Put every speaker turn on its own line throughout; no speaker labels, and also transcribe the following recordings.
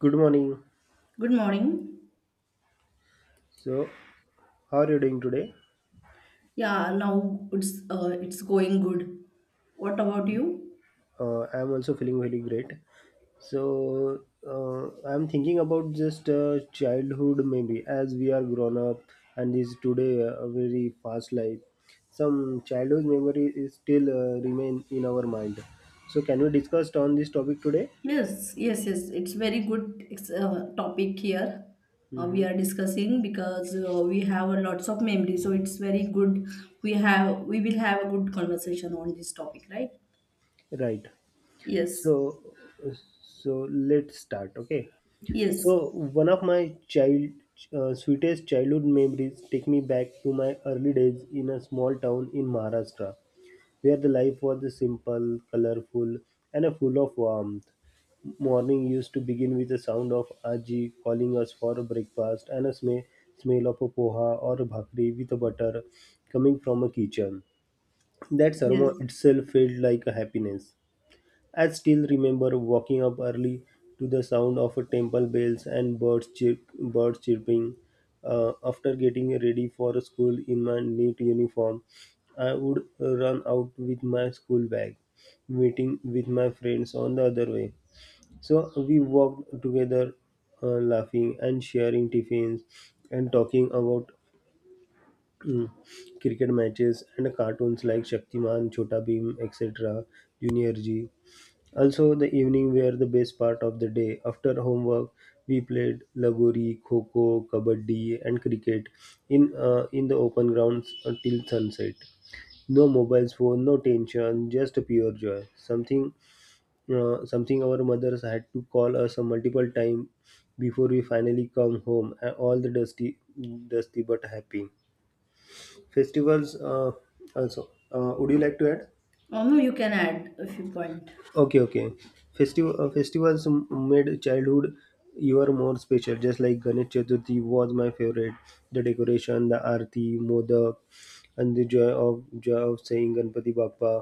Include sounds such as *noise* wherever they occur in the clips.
Good morning.
Good morning.
So, how are you doing today?
Yeah, now it's going good. What about you?
I am also feeling very great. So, I am thinking about just childhood, maybe as we are grown up, and is today a very fast life. Some childhood memory is still remain in our mind. So, can we discuss on this topic today?
Yes, yes, yes. It's very good topic here.
Hmm.
We are discussing because we have a lots of memory, so it's very good. We will have a good conversation on this topic, right?
Right.
Yes,
So, so let's start. Okay.
yes,
So one of my child sweetest childhood memories take me back to my early days in a small town in Maharashtra, where the life was simple, colorful, and full of warmth. Morning used to begin with the sound of Aji calling us for a breakfast and a smell of a poha or a bhakri with a butter coming from a kitchen. That aroma
yes.
itself felt like a happiness. I still remember walking up early to the sound of temple bells and birds, birds chirping. After getting ready for school in my neat uniform, I would run out with my school bag, meeting with my friends on the other way. So we walked together, laughing and sharing tiffins and talking about mm, cricket matches and cartoons like Shaktiman, Chota Bheem, etc., Junior G. Also, the evening were the best part of the day. After homework, we played lagori, kho-kho, kabaddi, and cricket in the open grounds until sunset. No mobiles, phone, no tension, just pure joy. Something our mothers had to call us a multiple time before we finally come home. All the dusty, dusty but happy festivals. Also, would you like to add?
Oh no, you can add a few point.
Okay, okay. Made childhood even more special. Just like Ganesh Chaturthi was my favorite. The decoration, the arti, modak, and the joy of saying Ganpati Bappa,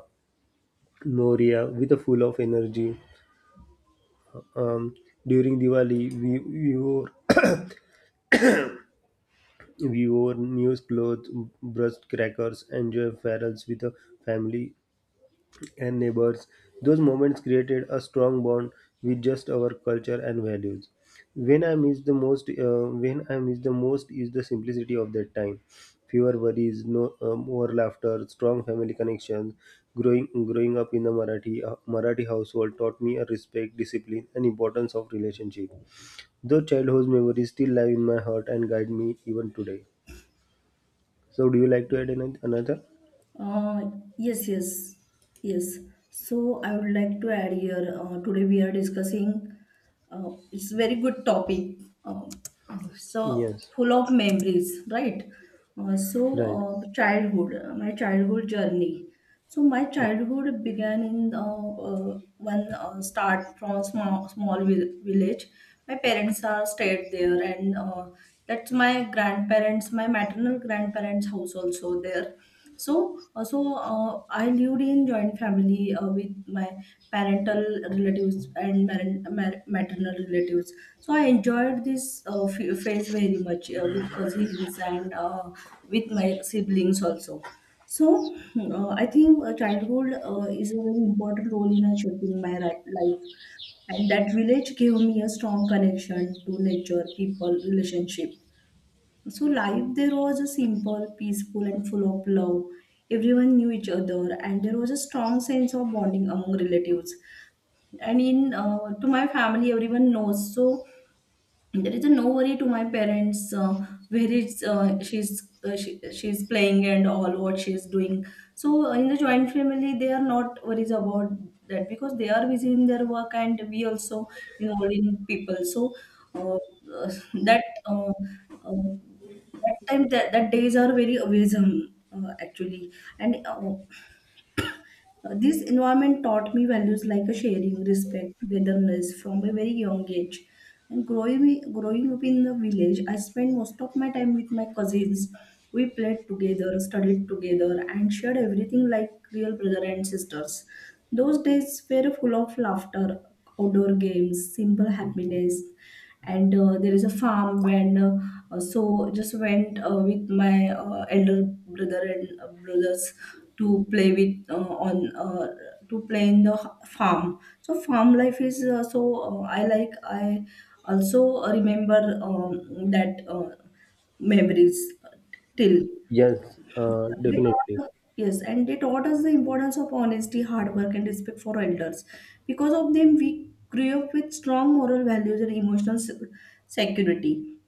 Moria, with a full of energy. Um, During Diwali, we wore *coughs* we wore new clothes, brushed crackers, and joy ferals with the family and neighbors. Those moments created a strong bond with just our culture and values. When I miss the most is the simplicity of that time. Fewer worries, no more laughter, strong family connections. Growing up in a Marathi household taught me a respect, discipline, and importance of relationship. Those childhood memories still live in my heart and guide me even today. So, do you like to add another?
Uh, yes, yes, yes. So I would like to add here. Today we are discussing, it's very good topic, uh, so
Yes,
full of memories, right? uh, so
right.
uh, childhood uh, my childhood journey. So my childhood began in, one, start from small village. My parents are stayed there, and that's my maternal grandparents house also there. So I lived in joint family, with my parental relatives and maternal relatives. So I enjoyed this phase very much, with cousins, and with my siblings also. So I think, childhood, is a very important role in shaping my life, and that village gave me a strong connection to nature, people, relationship. So life there was a simple, peaceful, and full of love. Everyone knew each other, and there was a strong sense of bonding among relatives. And in to my family everyone knows, so there is a no worry to my parents. Where is, she's playing and all what she's doing. So in the joint family, they are not worries about that because they are busy in their work, and we also involved in people. So uh, uh, that uh, uh, that time, that days are very amazing, actually. And This environment taught me values like sharing, respect, togetherness from a very young age. And growing up in the village, I spent most of my time with my cousins. We played together, studied together, and shared everything like real brother and sisters. Those days were full of laughter, outdoor games, simple happiness, and there is a farm when, so just went, with my elder brother and brothers to play with uh, on uh, to play in the farm. So farm life is, so uh, i like I also remember, that memories till
Yes,
they
definitely.
taught, yes, and they taught us the importance of honesty, hard work, and respect for elders. Because of them, we grew up with strong moral values and emotional security.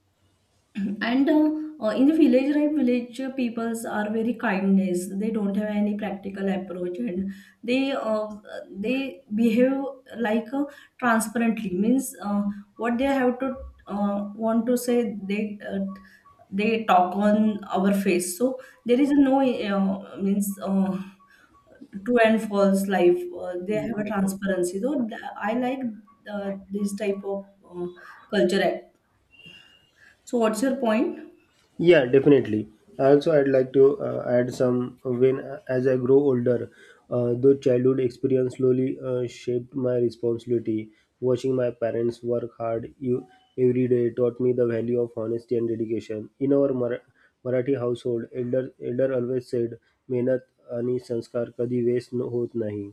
And In the village, right, village peoples are very kindness. They don't have any practical approach, and they uh, they behave like, transparently. Means, what they have to, want to say, they talk on our face. So there is no, means. True and false life, they have a transparency. So I like, this type of, culture act. So what's your point?
Yeah, definitely. Also, I'd like to add some when as I grow older, though childhood experience slowly shaped my responsibility. Watching my parents work hard you, every day taught me the value of honesty and dedication. In our Marathi household, elder always said, "मेहनत आणि संस्कार कधी waste hot nahi,"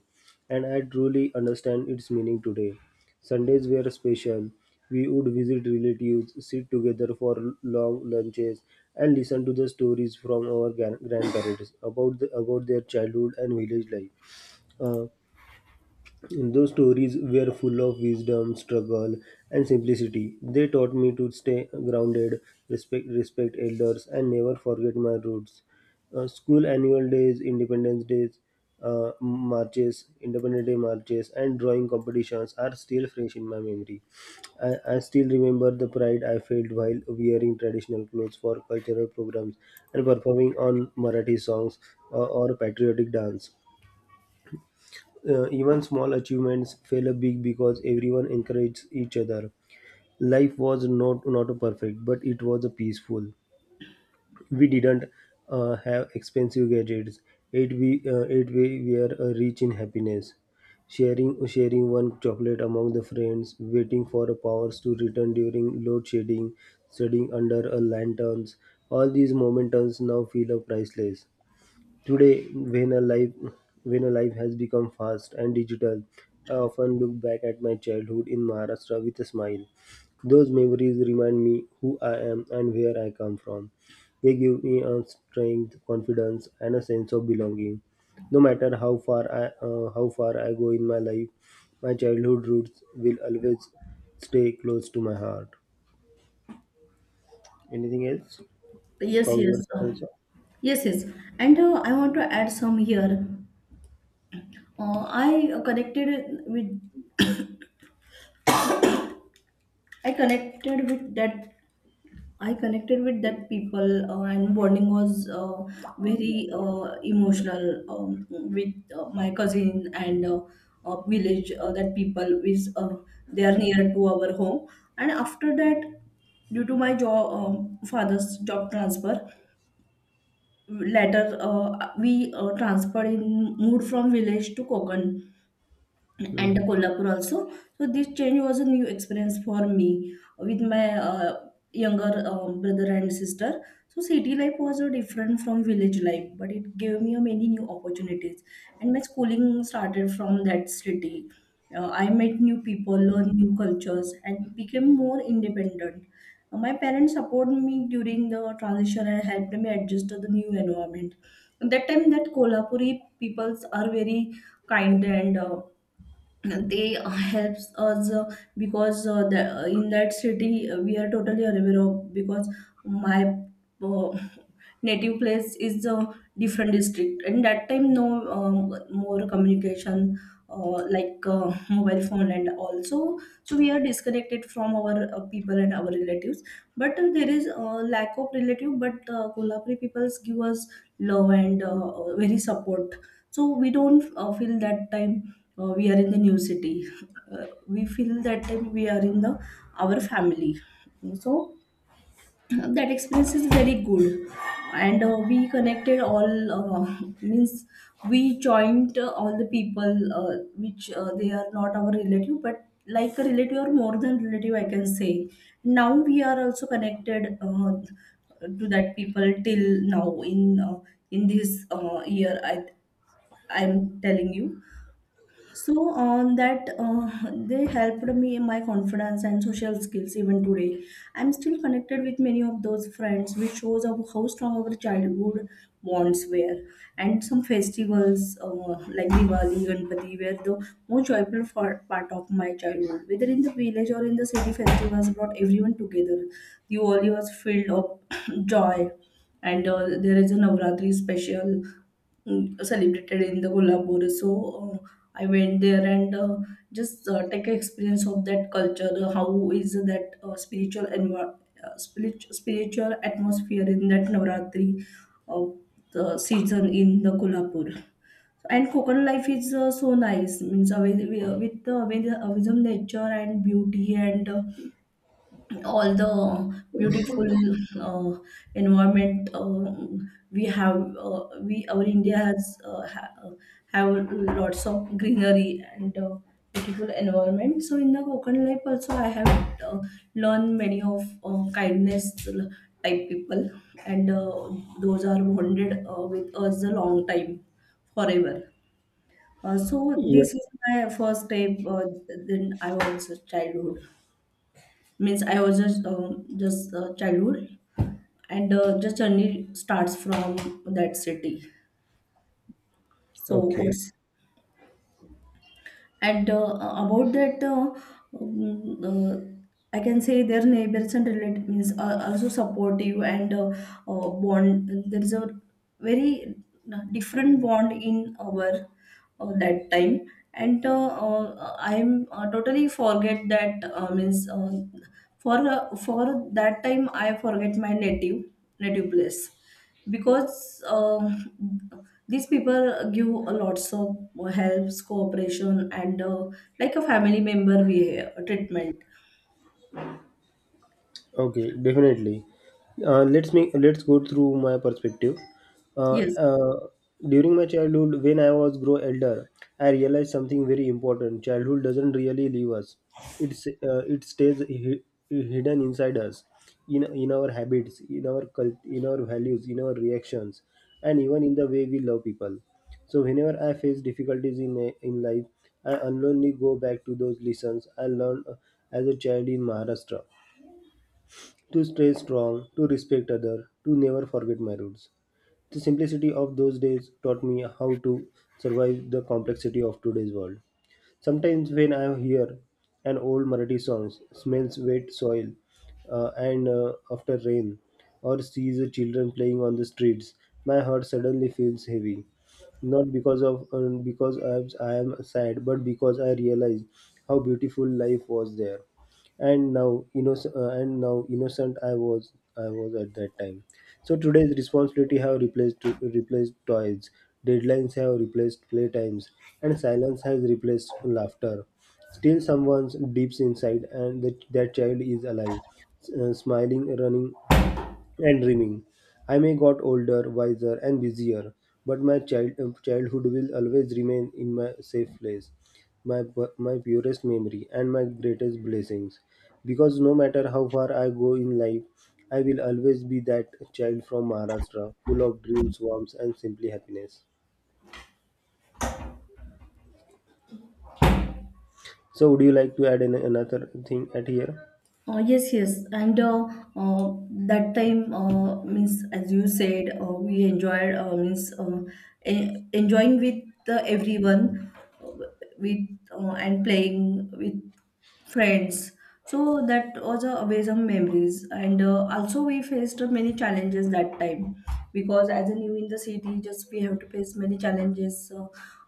and I truly understand its meaning today. Sundays were special. We would visit relatives, sit together for long lunches, and listen to the stories from our grandparents about their childhood and village life. Uh, those stories were full of wisdom, struggle, and simplicity. They taught me to stay grounded, respect elders, and never forget my roots. School annual days, Independence Days, Independence Day marches, and drawing competitions are still fresh in my memory. I still remember the pride I felt while wearing traditional clothes for cultural programs and performing on Marathi songs or patriotic dance. Even small achievements feel a big because everyone encouraged each other. Life was not perfect, but it was peaceful. We didn't have expensive gadgets. It we were rich in happiness. Sharing one chocolate among the friends, waiting for a powers to return during load shedding, studying under a lanterns. All these momentums now feel priceless. Today, when a life has become fast and digital, I often look back at my childhood in Maharashtra with a smile. Those memories remind me who I am and where I come from. They give me a strength, confidence, and a sense of belonging. No matter how far I go in my life, my childhood roots will always stay close to my heart. Anything else
Yes,
from your
yes,
side also?
yes, yes. And I want to add some here. I connected with I connected with that I connected with that people, and bonding was, very, emotional, with my cousin, and village that people is, they are near to our home. And after that, due to my job father's job transfer later, we transferred in moved from village to Konkan and
Hmm.
Kolhapur also. So this change was a new experience for me with my younger, brother and sister. So city life was, different from village life, but it gave me many new opportunities. And my schooling started from that city. I met new people, learned new cultures, and became more independent. My parents supported me during the transition and helped me adjust to the new environment. At that time, that Kolhapuri peoples are very kind, and they *laughs* helps us, because in that city we are totally unaware of, because my uh, native place is a different district, and that time no, um, more communication, like mobile phone and also. So we are disconnected from our people and our relatives, but there is a lack of relative. But Kolhapuri peoples give us love and very support, so we don't feel that time we are in the new city. We feel that time we are in the our family. So *clears throat* that experience is very good, and we connected all, *laughs* means we joined all the people, which they are not our relative, but like a relative or more than relative, I can say. Now we are also connected, to that people till now, uh, in this year I'm telling you. So on that, they helped me in my confidence and social skills even today. I'm still connected with many of those friends, which shows of how strong our childhood bonds were. And some festivals, like Diwali, Ganpati, were the most joyful for part of my childhood. Whether in the village or in the city, festivals brought everyone together. Diwali was filled of *clears throat* joy, and there is a Navratri special, celebrated in the Kolhapur. So I went there and just take an experience of that culture. How is that spiritual spiritual atmosphere in that Navratri, uh, the season in the Kolhapur. And Kokan life is, so nice. Means, with some nature and beauty, and all the beautiful uh, environment we have we our India have lots of greenery and beautiful environment. So in the Konkan life also, I have uh, learned many of kindness type people, and those are bonded, with us a long time forever. So
Yeah.
this is my first step. Then I was a childhood means I was just, childhood, and just journey starts from that city. So
Okay.
what's and about that, mm, uh, I can say their neighbors and relatives are also supportive, and bond there is a very, different bond in our, that time. And I'm totally forget that, means, for that time I forget my native place, because these people give a lots of helps, cooperation, and like a family member we treatment.
Okay, definitely. Let's go through my perspective. Uh,
Yes.
uh, During my childhood, when I was grow elder, I realized something very important. Childhood doesn't really leave us. It stays hidden inside us, in our habits, in our cult, in our values, in our reactions, and even in the way we love people. So whenever I face difficulties in life, I unknowingly go back to those lessons I learned as a child in Maharashtra to stay strong, to respect other, to never forget my roots. The simplicity of those days taught me how to survive the complexity of today's world. Sometimes when I hear an old Marathi song, smells wet soil, and after rain, or sees the children playing on the streets, my heart suddenly feels heavy. Not because I am sad, but because I realize how beautiful life was there and now innocent I was at that time. So today's responsibility have replaced toys, deadlines have replaced playtimes, and silence has replaced laughter. Still someone's deep inside, and that child is alive, smiling, running, and dreaming. I may got older, wiser, and busier, but my childhood will always remain in my safe place, my purest memory, and my greatest blessings. Because no matter how far I go in life, I will always be that child from Maharashtra, full of dreams, warmth, and simply happiness. So, would you like to add an, another thing at here?
Yes, yes, and uh, that time, means, as you said, we enjoyed, means, enjoying with everyone, uh, with and playing with friends. So that was a amazing memories, and also we faced many challenges that time, because as a new in the city, just we have to face many challenges.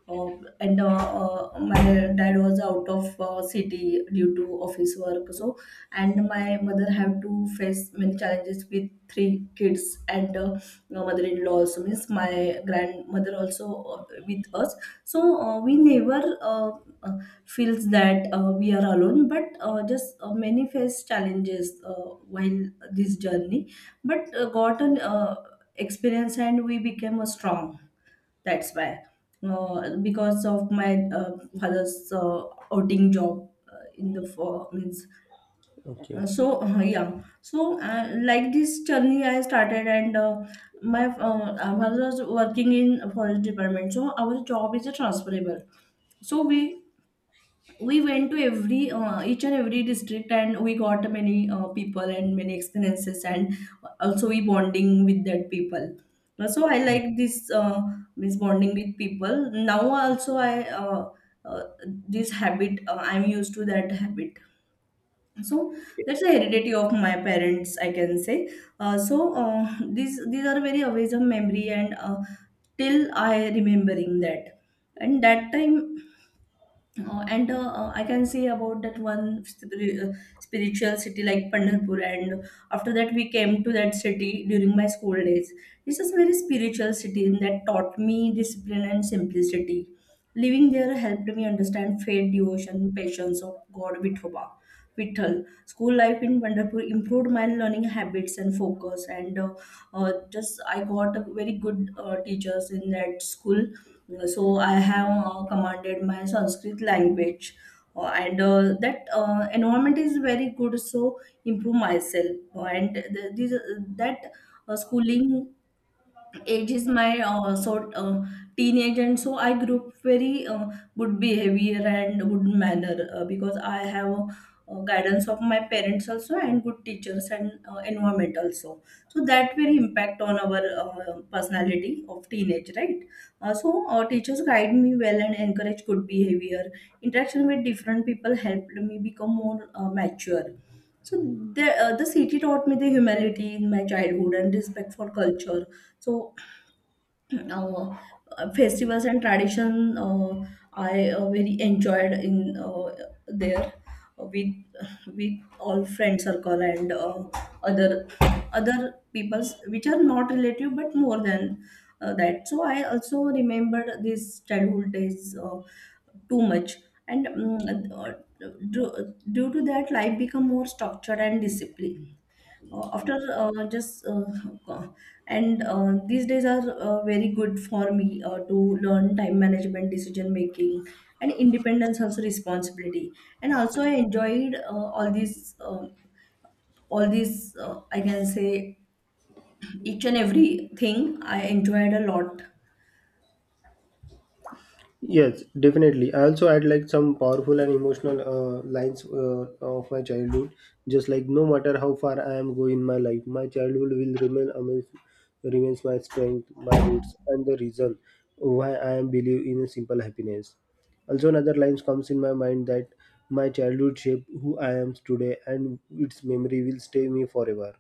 And My dad was out of city due to office work. So, and my mother have to face many challenges with three kids, and no mother-in-law also, means my grandmother also with us. So we never uh, feels that we are alone, but just many face challenges, while this journey. But got an experience, and we became, strong. That's why, because of my father's outing job in the for means
Okay.
so yeah. So like this journey I started, and my I was working in forest department, so our job is transferable. So we went to every each and every district, and we got many people and many experiences, and also we bonding with that people. So I like this, this bonding with people. Now also I, uh, this habit, I'm used to that habit. So
Okay.
that's the heredity of my parents, I can say. uh, so uh, these are very awesome memory, and till I remembering that. And that time, and I can say about that one spiritual city like Pandharpur, and after that we came to that city during my school days. This is very spiritual city that taught me discipline and simplicity. Living there helped me understand faith, devotion, patience of God Vithoba. Vithal. School life in Pandharpur improved my learning habits and focus, and just I got a very good teachers in that school so I have commanded my Sanskrit language, and that environment is very good so improve myself and th- this, that schooling age is my sort teenage and so I grew up very good behavior and good manner because I have guidance of my parents also and good teachers and environment also, so that very impact on our personality of teenage, right? So teachers guide me well and encourage good behavior. Interaction with different people helped me become more mature. So the city taught me the humility in my childhood and respect for culture. So now, festivals and tradition, I very enjoyed in there uh, with with all friend circle and other other people's which are not relative but more than that. So I also remembered these childhood days too much, and due to that life become more structured and disciplined. After just uh, and These days are very good for me to learn time management, decision making, and independence, also responsibility. And also I enjoyed all these, I can say, each and every thing I enjoyed a lot.
Yes, definitely. I also had like some powerful and emotional lines of my childhood. Just like no matter how far I am going in my life, my childhood will remains my strength, my roots, and the reason why I am believe in a simple happiness. Also, another lines comes in my mind that my childhood shaped who I am today, and its memory will stay me forever.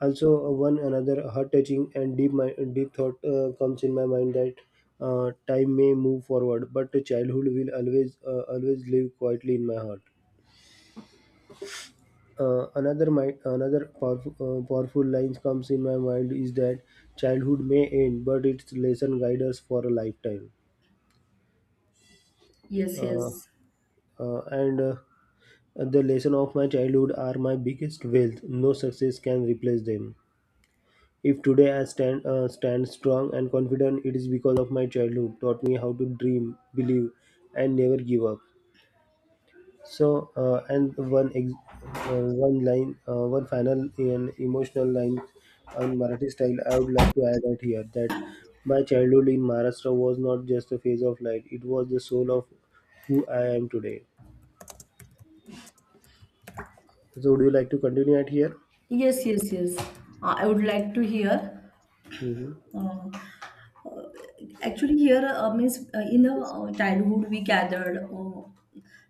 Also, one another heart touching and deep my deep thought comes in my mind that time may move forward, but the childhood will always live quietly in my heart. Another powerful lines comes in my mind is that childhood may end, but its lesson guide us for a lifetime.
Yes,
Uh,
yes,
and The lesson of my childhood are my biggest wealth; no success can replace them. If today I stand strong and confident, it is because of my childhood taught me how to dream, believe, and never give up. So, one line, one final and emotional line on Marathi style, I would like to add out here that my childhood in Maharashtra was not just a phase of life; it was the soul of who I am today. So, would you like to continue at here?
yes. Yes, yes, I would like to hear.
Mm-hmm.
Uh, uh, Actually here, means in the childhood we gathered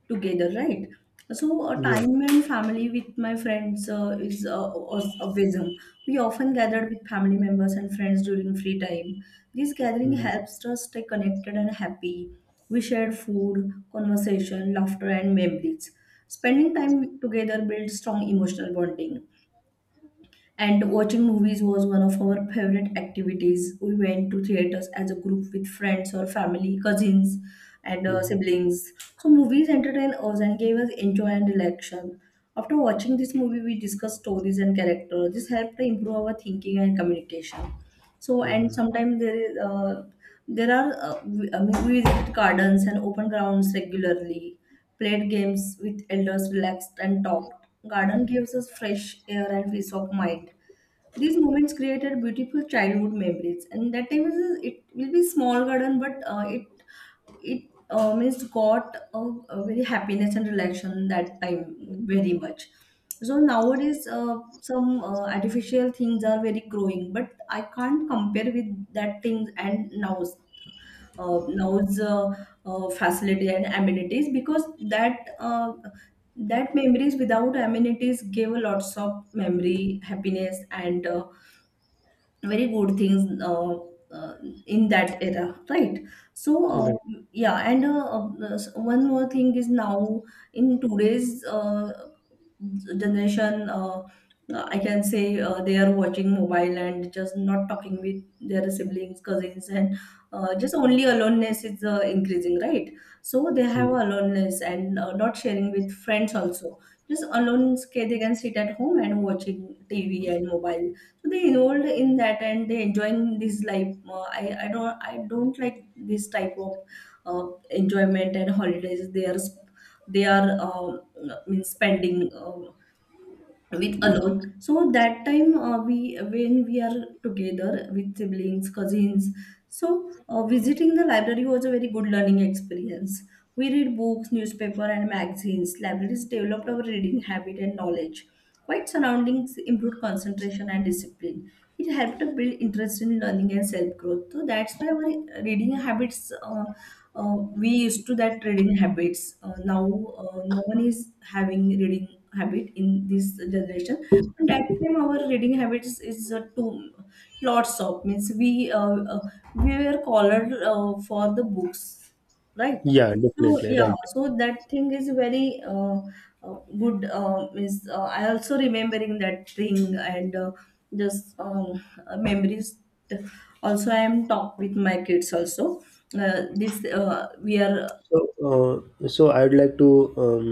together, right? So
Yes.
time and family with my friends is was a wisdom. We often gathered with family members and friends during free time. This gathering
Mm-hmm.
helps us stay connected and happy. We shared food, conversation, laughter, and memories. Spending time together builds strong emotional bonding. And watching movies was one of our favorite activities. We went to theaters as a group with friends or family, cousins, and
Mm-hmm.
siblings. So, movies entertained us and gave us enjoy and relaxation. After watching this movie, we discussed stories and characters. This helped to improve our thinking and communication. So, and
Mm-hmm.
sometimes there is there are we, I mean, we visit gardens and open grounds regularly. Played games with elders, relaxed and talked. Garden gives us fresh air and peace of mind. These moments created beautiful childhood memories, and that time is it will be small garden, but it means got a very happiness and relaxation that time very much. So nowadays, some artificial things are very growing, but I can't compare with that things and now's facility and amenities, because that that memories without amenities gave a lots of memory, happiness, and very good things uh, in that era, right? So yeah, and one more thing is now in today's generation, I can say, they are watching mobile and just not talking with their siblings, cousins, and just only aloneness is increasing, right? So they have
Right.
aloneness and not sharing with friends also. They can sit at home and watching TV and mobile. So they involved in that and they enjoying this life. I don't, I don't like this type of enjoyment and holidays. They are means spending with alone. So that time, we, when we are together with siblings, cousins, so visiting the library was a very good learning experience. We read books, newspaper, and magazines. Libraries developed our reading habit and knowledge. Quiet surroundings improved concentration and discipline. It helped to build interest in learning and self growth. So that's why our reading habits, we used to that reading habits. Now, no one is having reading habit in this generation. But that time our reading habits is too lots of, means, we were called for the books, right?
Yeah,
So
definitely.
yeah,
Right.
so that thing is very good. Is I also remembering that thing, and just memories. Also, I am talk with my kids also. This we are.
So, I'd like to um,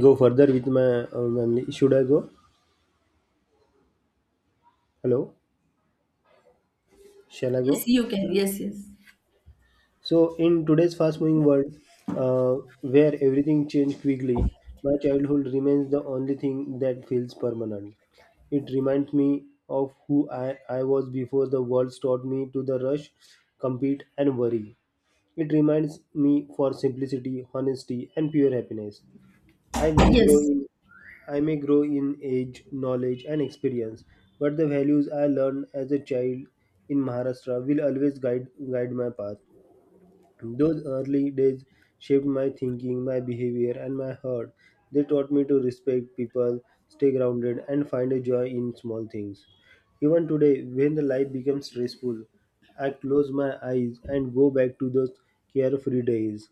go further with my. Should I go? Hello, shall I
Yes,
go?
you can. Yes, yes.
So, in today's fast-moving world, uh, where everything changed quickly, my childhood remains the only thing that feels permanent. It reminds me of who I was before the world taught me to the rush, compete, and worry. It reminds me for simplicity, honesty, and pure happiness. I may grow
Yes,
in I may grow in age, knowledge, and experience, but the values I learned as a child in Maharashtra will always guide my path. Those early days shaped my thinking, my behavior, and my heart. They taught me to respect people, stay grounded, and find a joy in small things. Even today, when the life becomes stressful, I close my eyes and go back to those carefree days.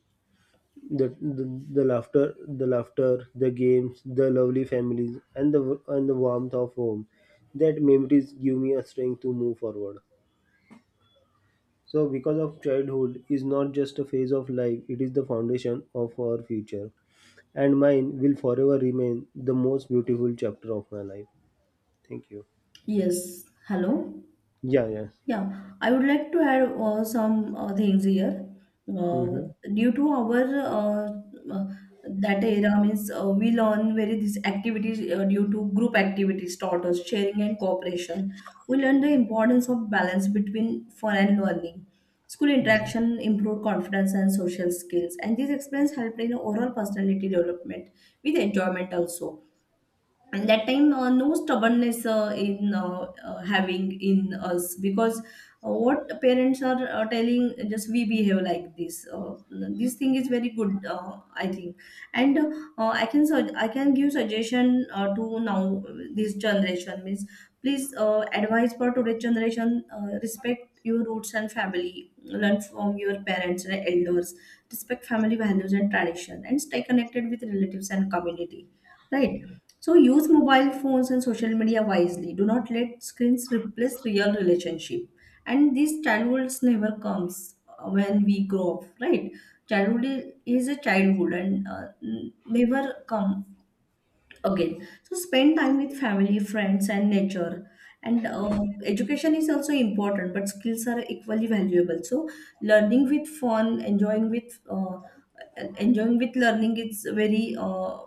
The laughter, the games, the lovely families, and the warmth of home. That memories give me a strength to move forward. So, because of childhood is not just a phase of life; it is the foundation of our future, and mine will forever remain the most beautiful chapter of my life. Thank you.
yes. Hello.
Yeah. Yes.
Yeah, I would like to add some things here. Uh,
Mm-hmm.
Due to our uh, that era, means, we learn very these activities. Due to group activities taught us sharing and cooperation. We learn the importance of balance between fun and learning. School interaction improved confidence and social skills, and these experience helped in overall personality development with enjoyment also. And that time, no stubbornness in having in us, because what parents are telling, just we behave like this. This thing is very good, I think. And I can give suggestion to now this generation, means, please advise for today's generation: respect your roots and family, learn from your parents and elders, respect family values and tradition, and stay connected with relatives and community, right? So use mobile phones and social media wisely. Do not let screens replace real relationship. And this childhood never comes when we grow up, right? Is a childhood, and never come again. So spend time with family, friends, and nature. And education is also important, but skills are equally valuable. So learning with fun, enjoying with learning is very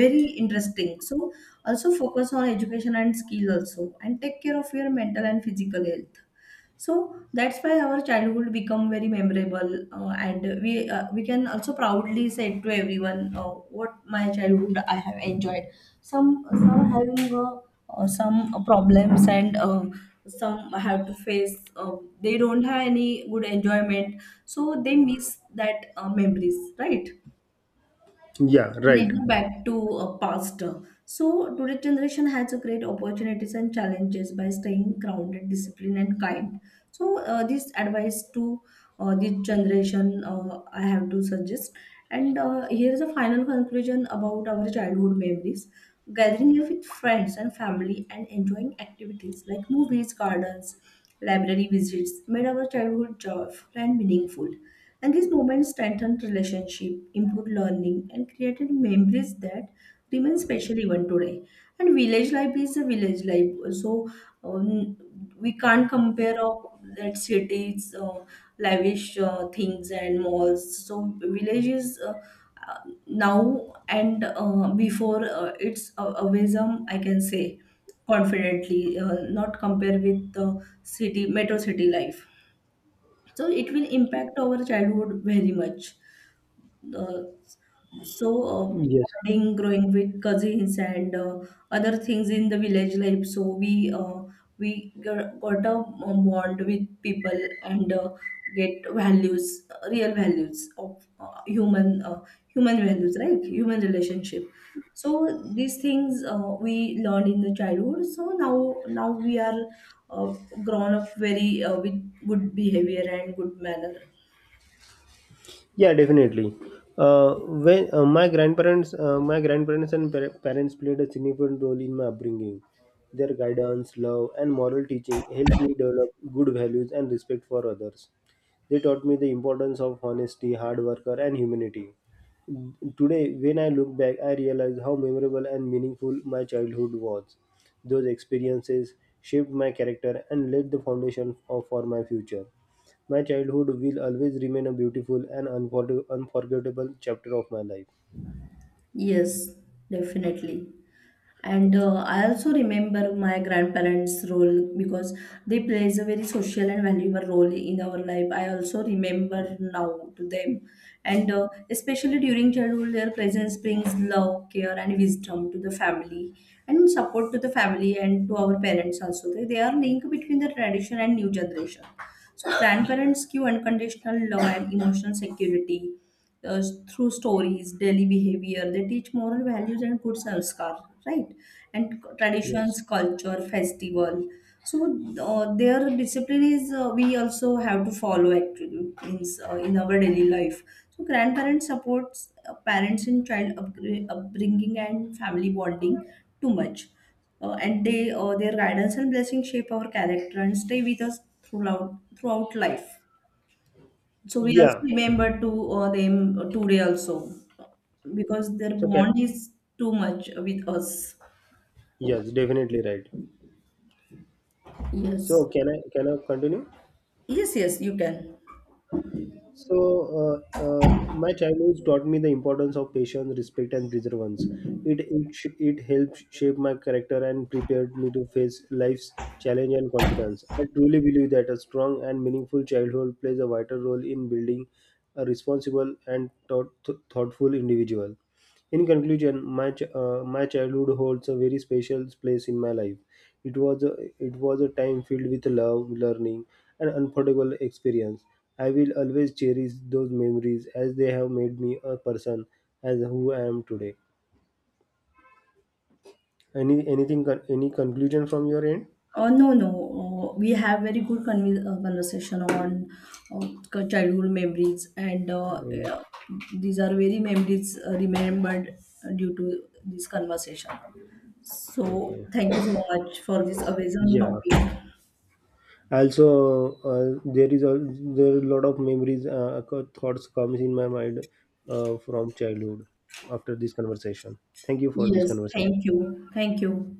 very interesting. So also focus on education and skill also, and take care of your mental and physical health. So that's why our childhood become very memorable, and we can also proudly say to everyone, "What my childhood I have enjoyed." Some having some problems, and some have to face. They don't have any good enjoyment, so they miss that memories, right?
Yeah. Right.
Never back to a past. So today's generation has a great opportunities and challenges by staying grounded, disciplined, and kind. So this advice to this generation, I have to suggest. And here is a final conclusion about our childhood memories: gathering here with friends and family and enjoying activities like movies, gardens, library visits made our childhood joyful and meaningful. And these moments strengthened relationship, improved learning, and created memories that remain special even today. And village life is a village life, so um, we can't compare of that cities, lavish things and malls. So village is, uh, now and before, it's a wisdom I can say confidently, not compare with the city, metro city life. So it will impact our childhood very much. Uh, so uh,
Yes.
bonding, growing with cousins and other things in the village life, so we g- got a bond with people and get values, real values of human values, right? Human relationship. So these things, we learned in the childhood, so now we are uh, grown up very with good behavior and good manner.
Yeah, definitely. My grandparents and parents played a significant role in my upbringing. Their guidance, love, and moral teaching helped me develop good values and respect for others. They taught me the importance of honesty, hard worker, and humanity. Today, when I look back, I realize how memorable and meaningful my childhood was. Those experiences shaped my character and laid the foundation for my future. My childhood will always remain a beautiful and unforgettable chapter of my life.
Yes, definitely. And I also remember my grandparents' role because they plays a very social and valuable role in our life. I also remember now to them, and especially during childhood, their presence brings love, care, and wisdom to the family, and support to the family and to our parents also. They are link between the tradition and new generation. So grandparents give unconditional love and emotional security uh, through stories, daily behavior. They teach moral values and good sanskar, right? And
Yes.
traditions, culture, festival. So their discipline is, we also have to follow actually in our daily life. So grandparents supports parents in child upbringing and family bonding too much, and they their guidance and blessing shape our character and stay with us throughout life. So we also
Yeah.
remember to them today also, because their
So can
bond is too much with us.
Yes, definitely, right. So
Yes.
can I can I continue?
Yes, yes, you can.
So my childhood taught me the importance of patience, respect, and perseverance. It it helped shape my character and prepared me to face life's challenge and confidence. I truly believe that a strong and meaningful childhood plays a vital role in building a responsible and thoughtful individual. In conclusion, my childhood holds a very special place in my life. It was a, it was a time filled with love, learning, and unforgettable experience. I will always cherish those memories as they have made me a person as who I am today. Any conclusion from your end?
No, no. We have very good conversation on uh, childhood memories, and
Um,
uh, these are very memories remembered due to this conversation. So,
okay.
thank you so much for this amazing
Yeah.
topic.
Also, there are a lot of memories thoughts comes in my mind from childhood after this conversation. Thank you for this
Yes, thank
conversation.
you. Thank you.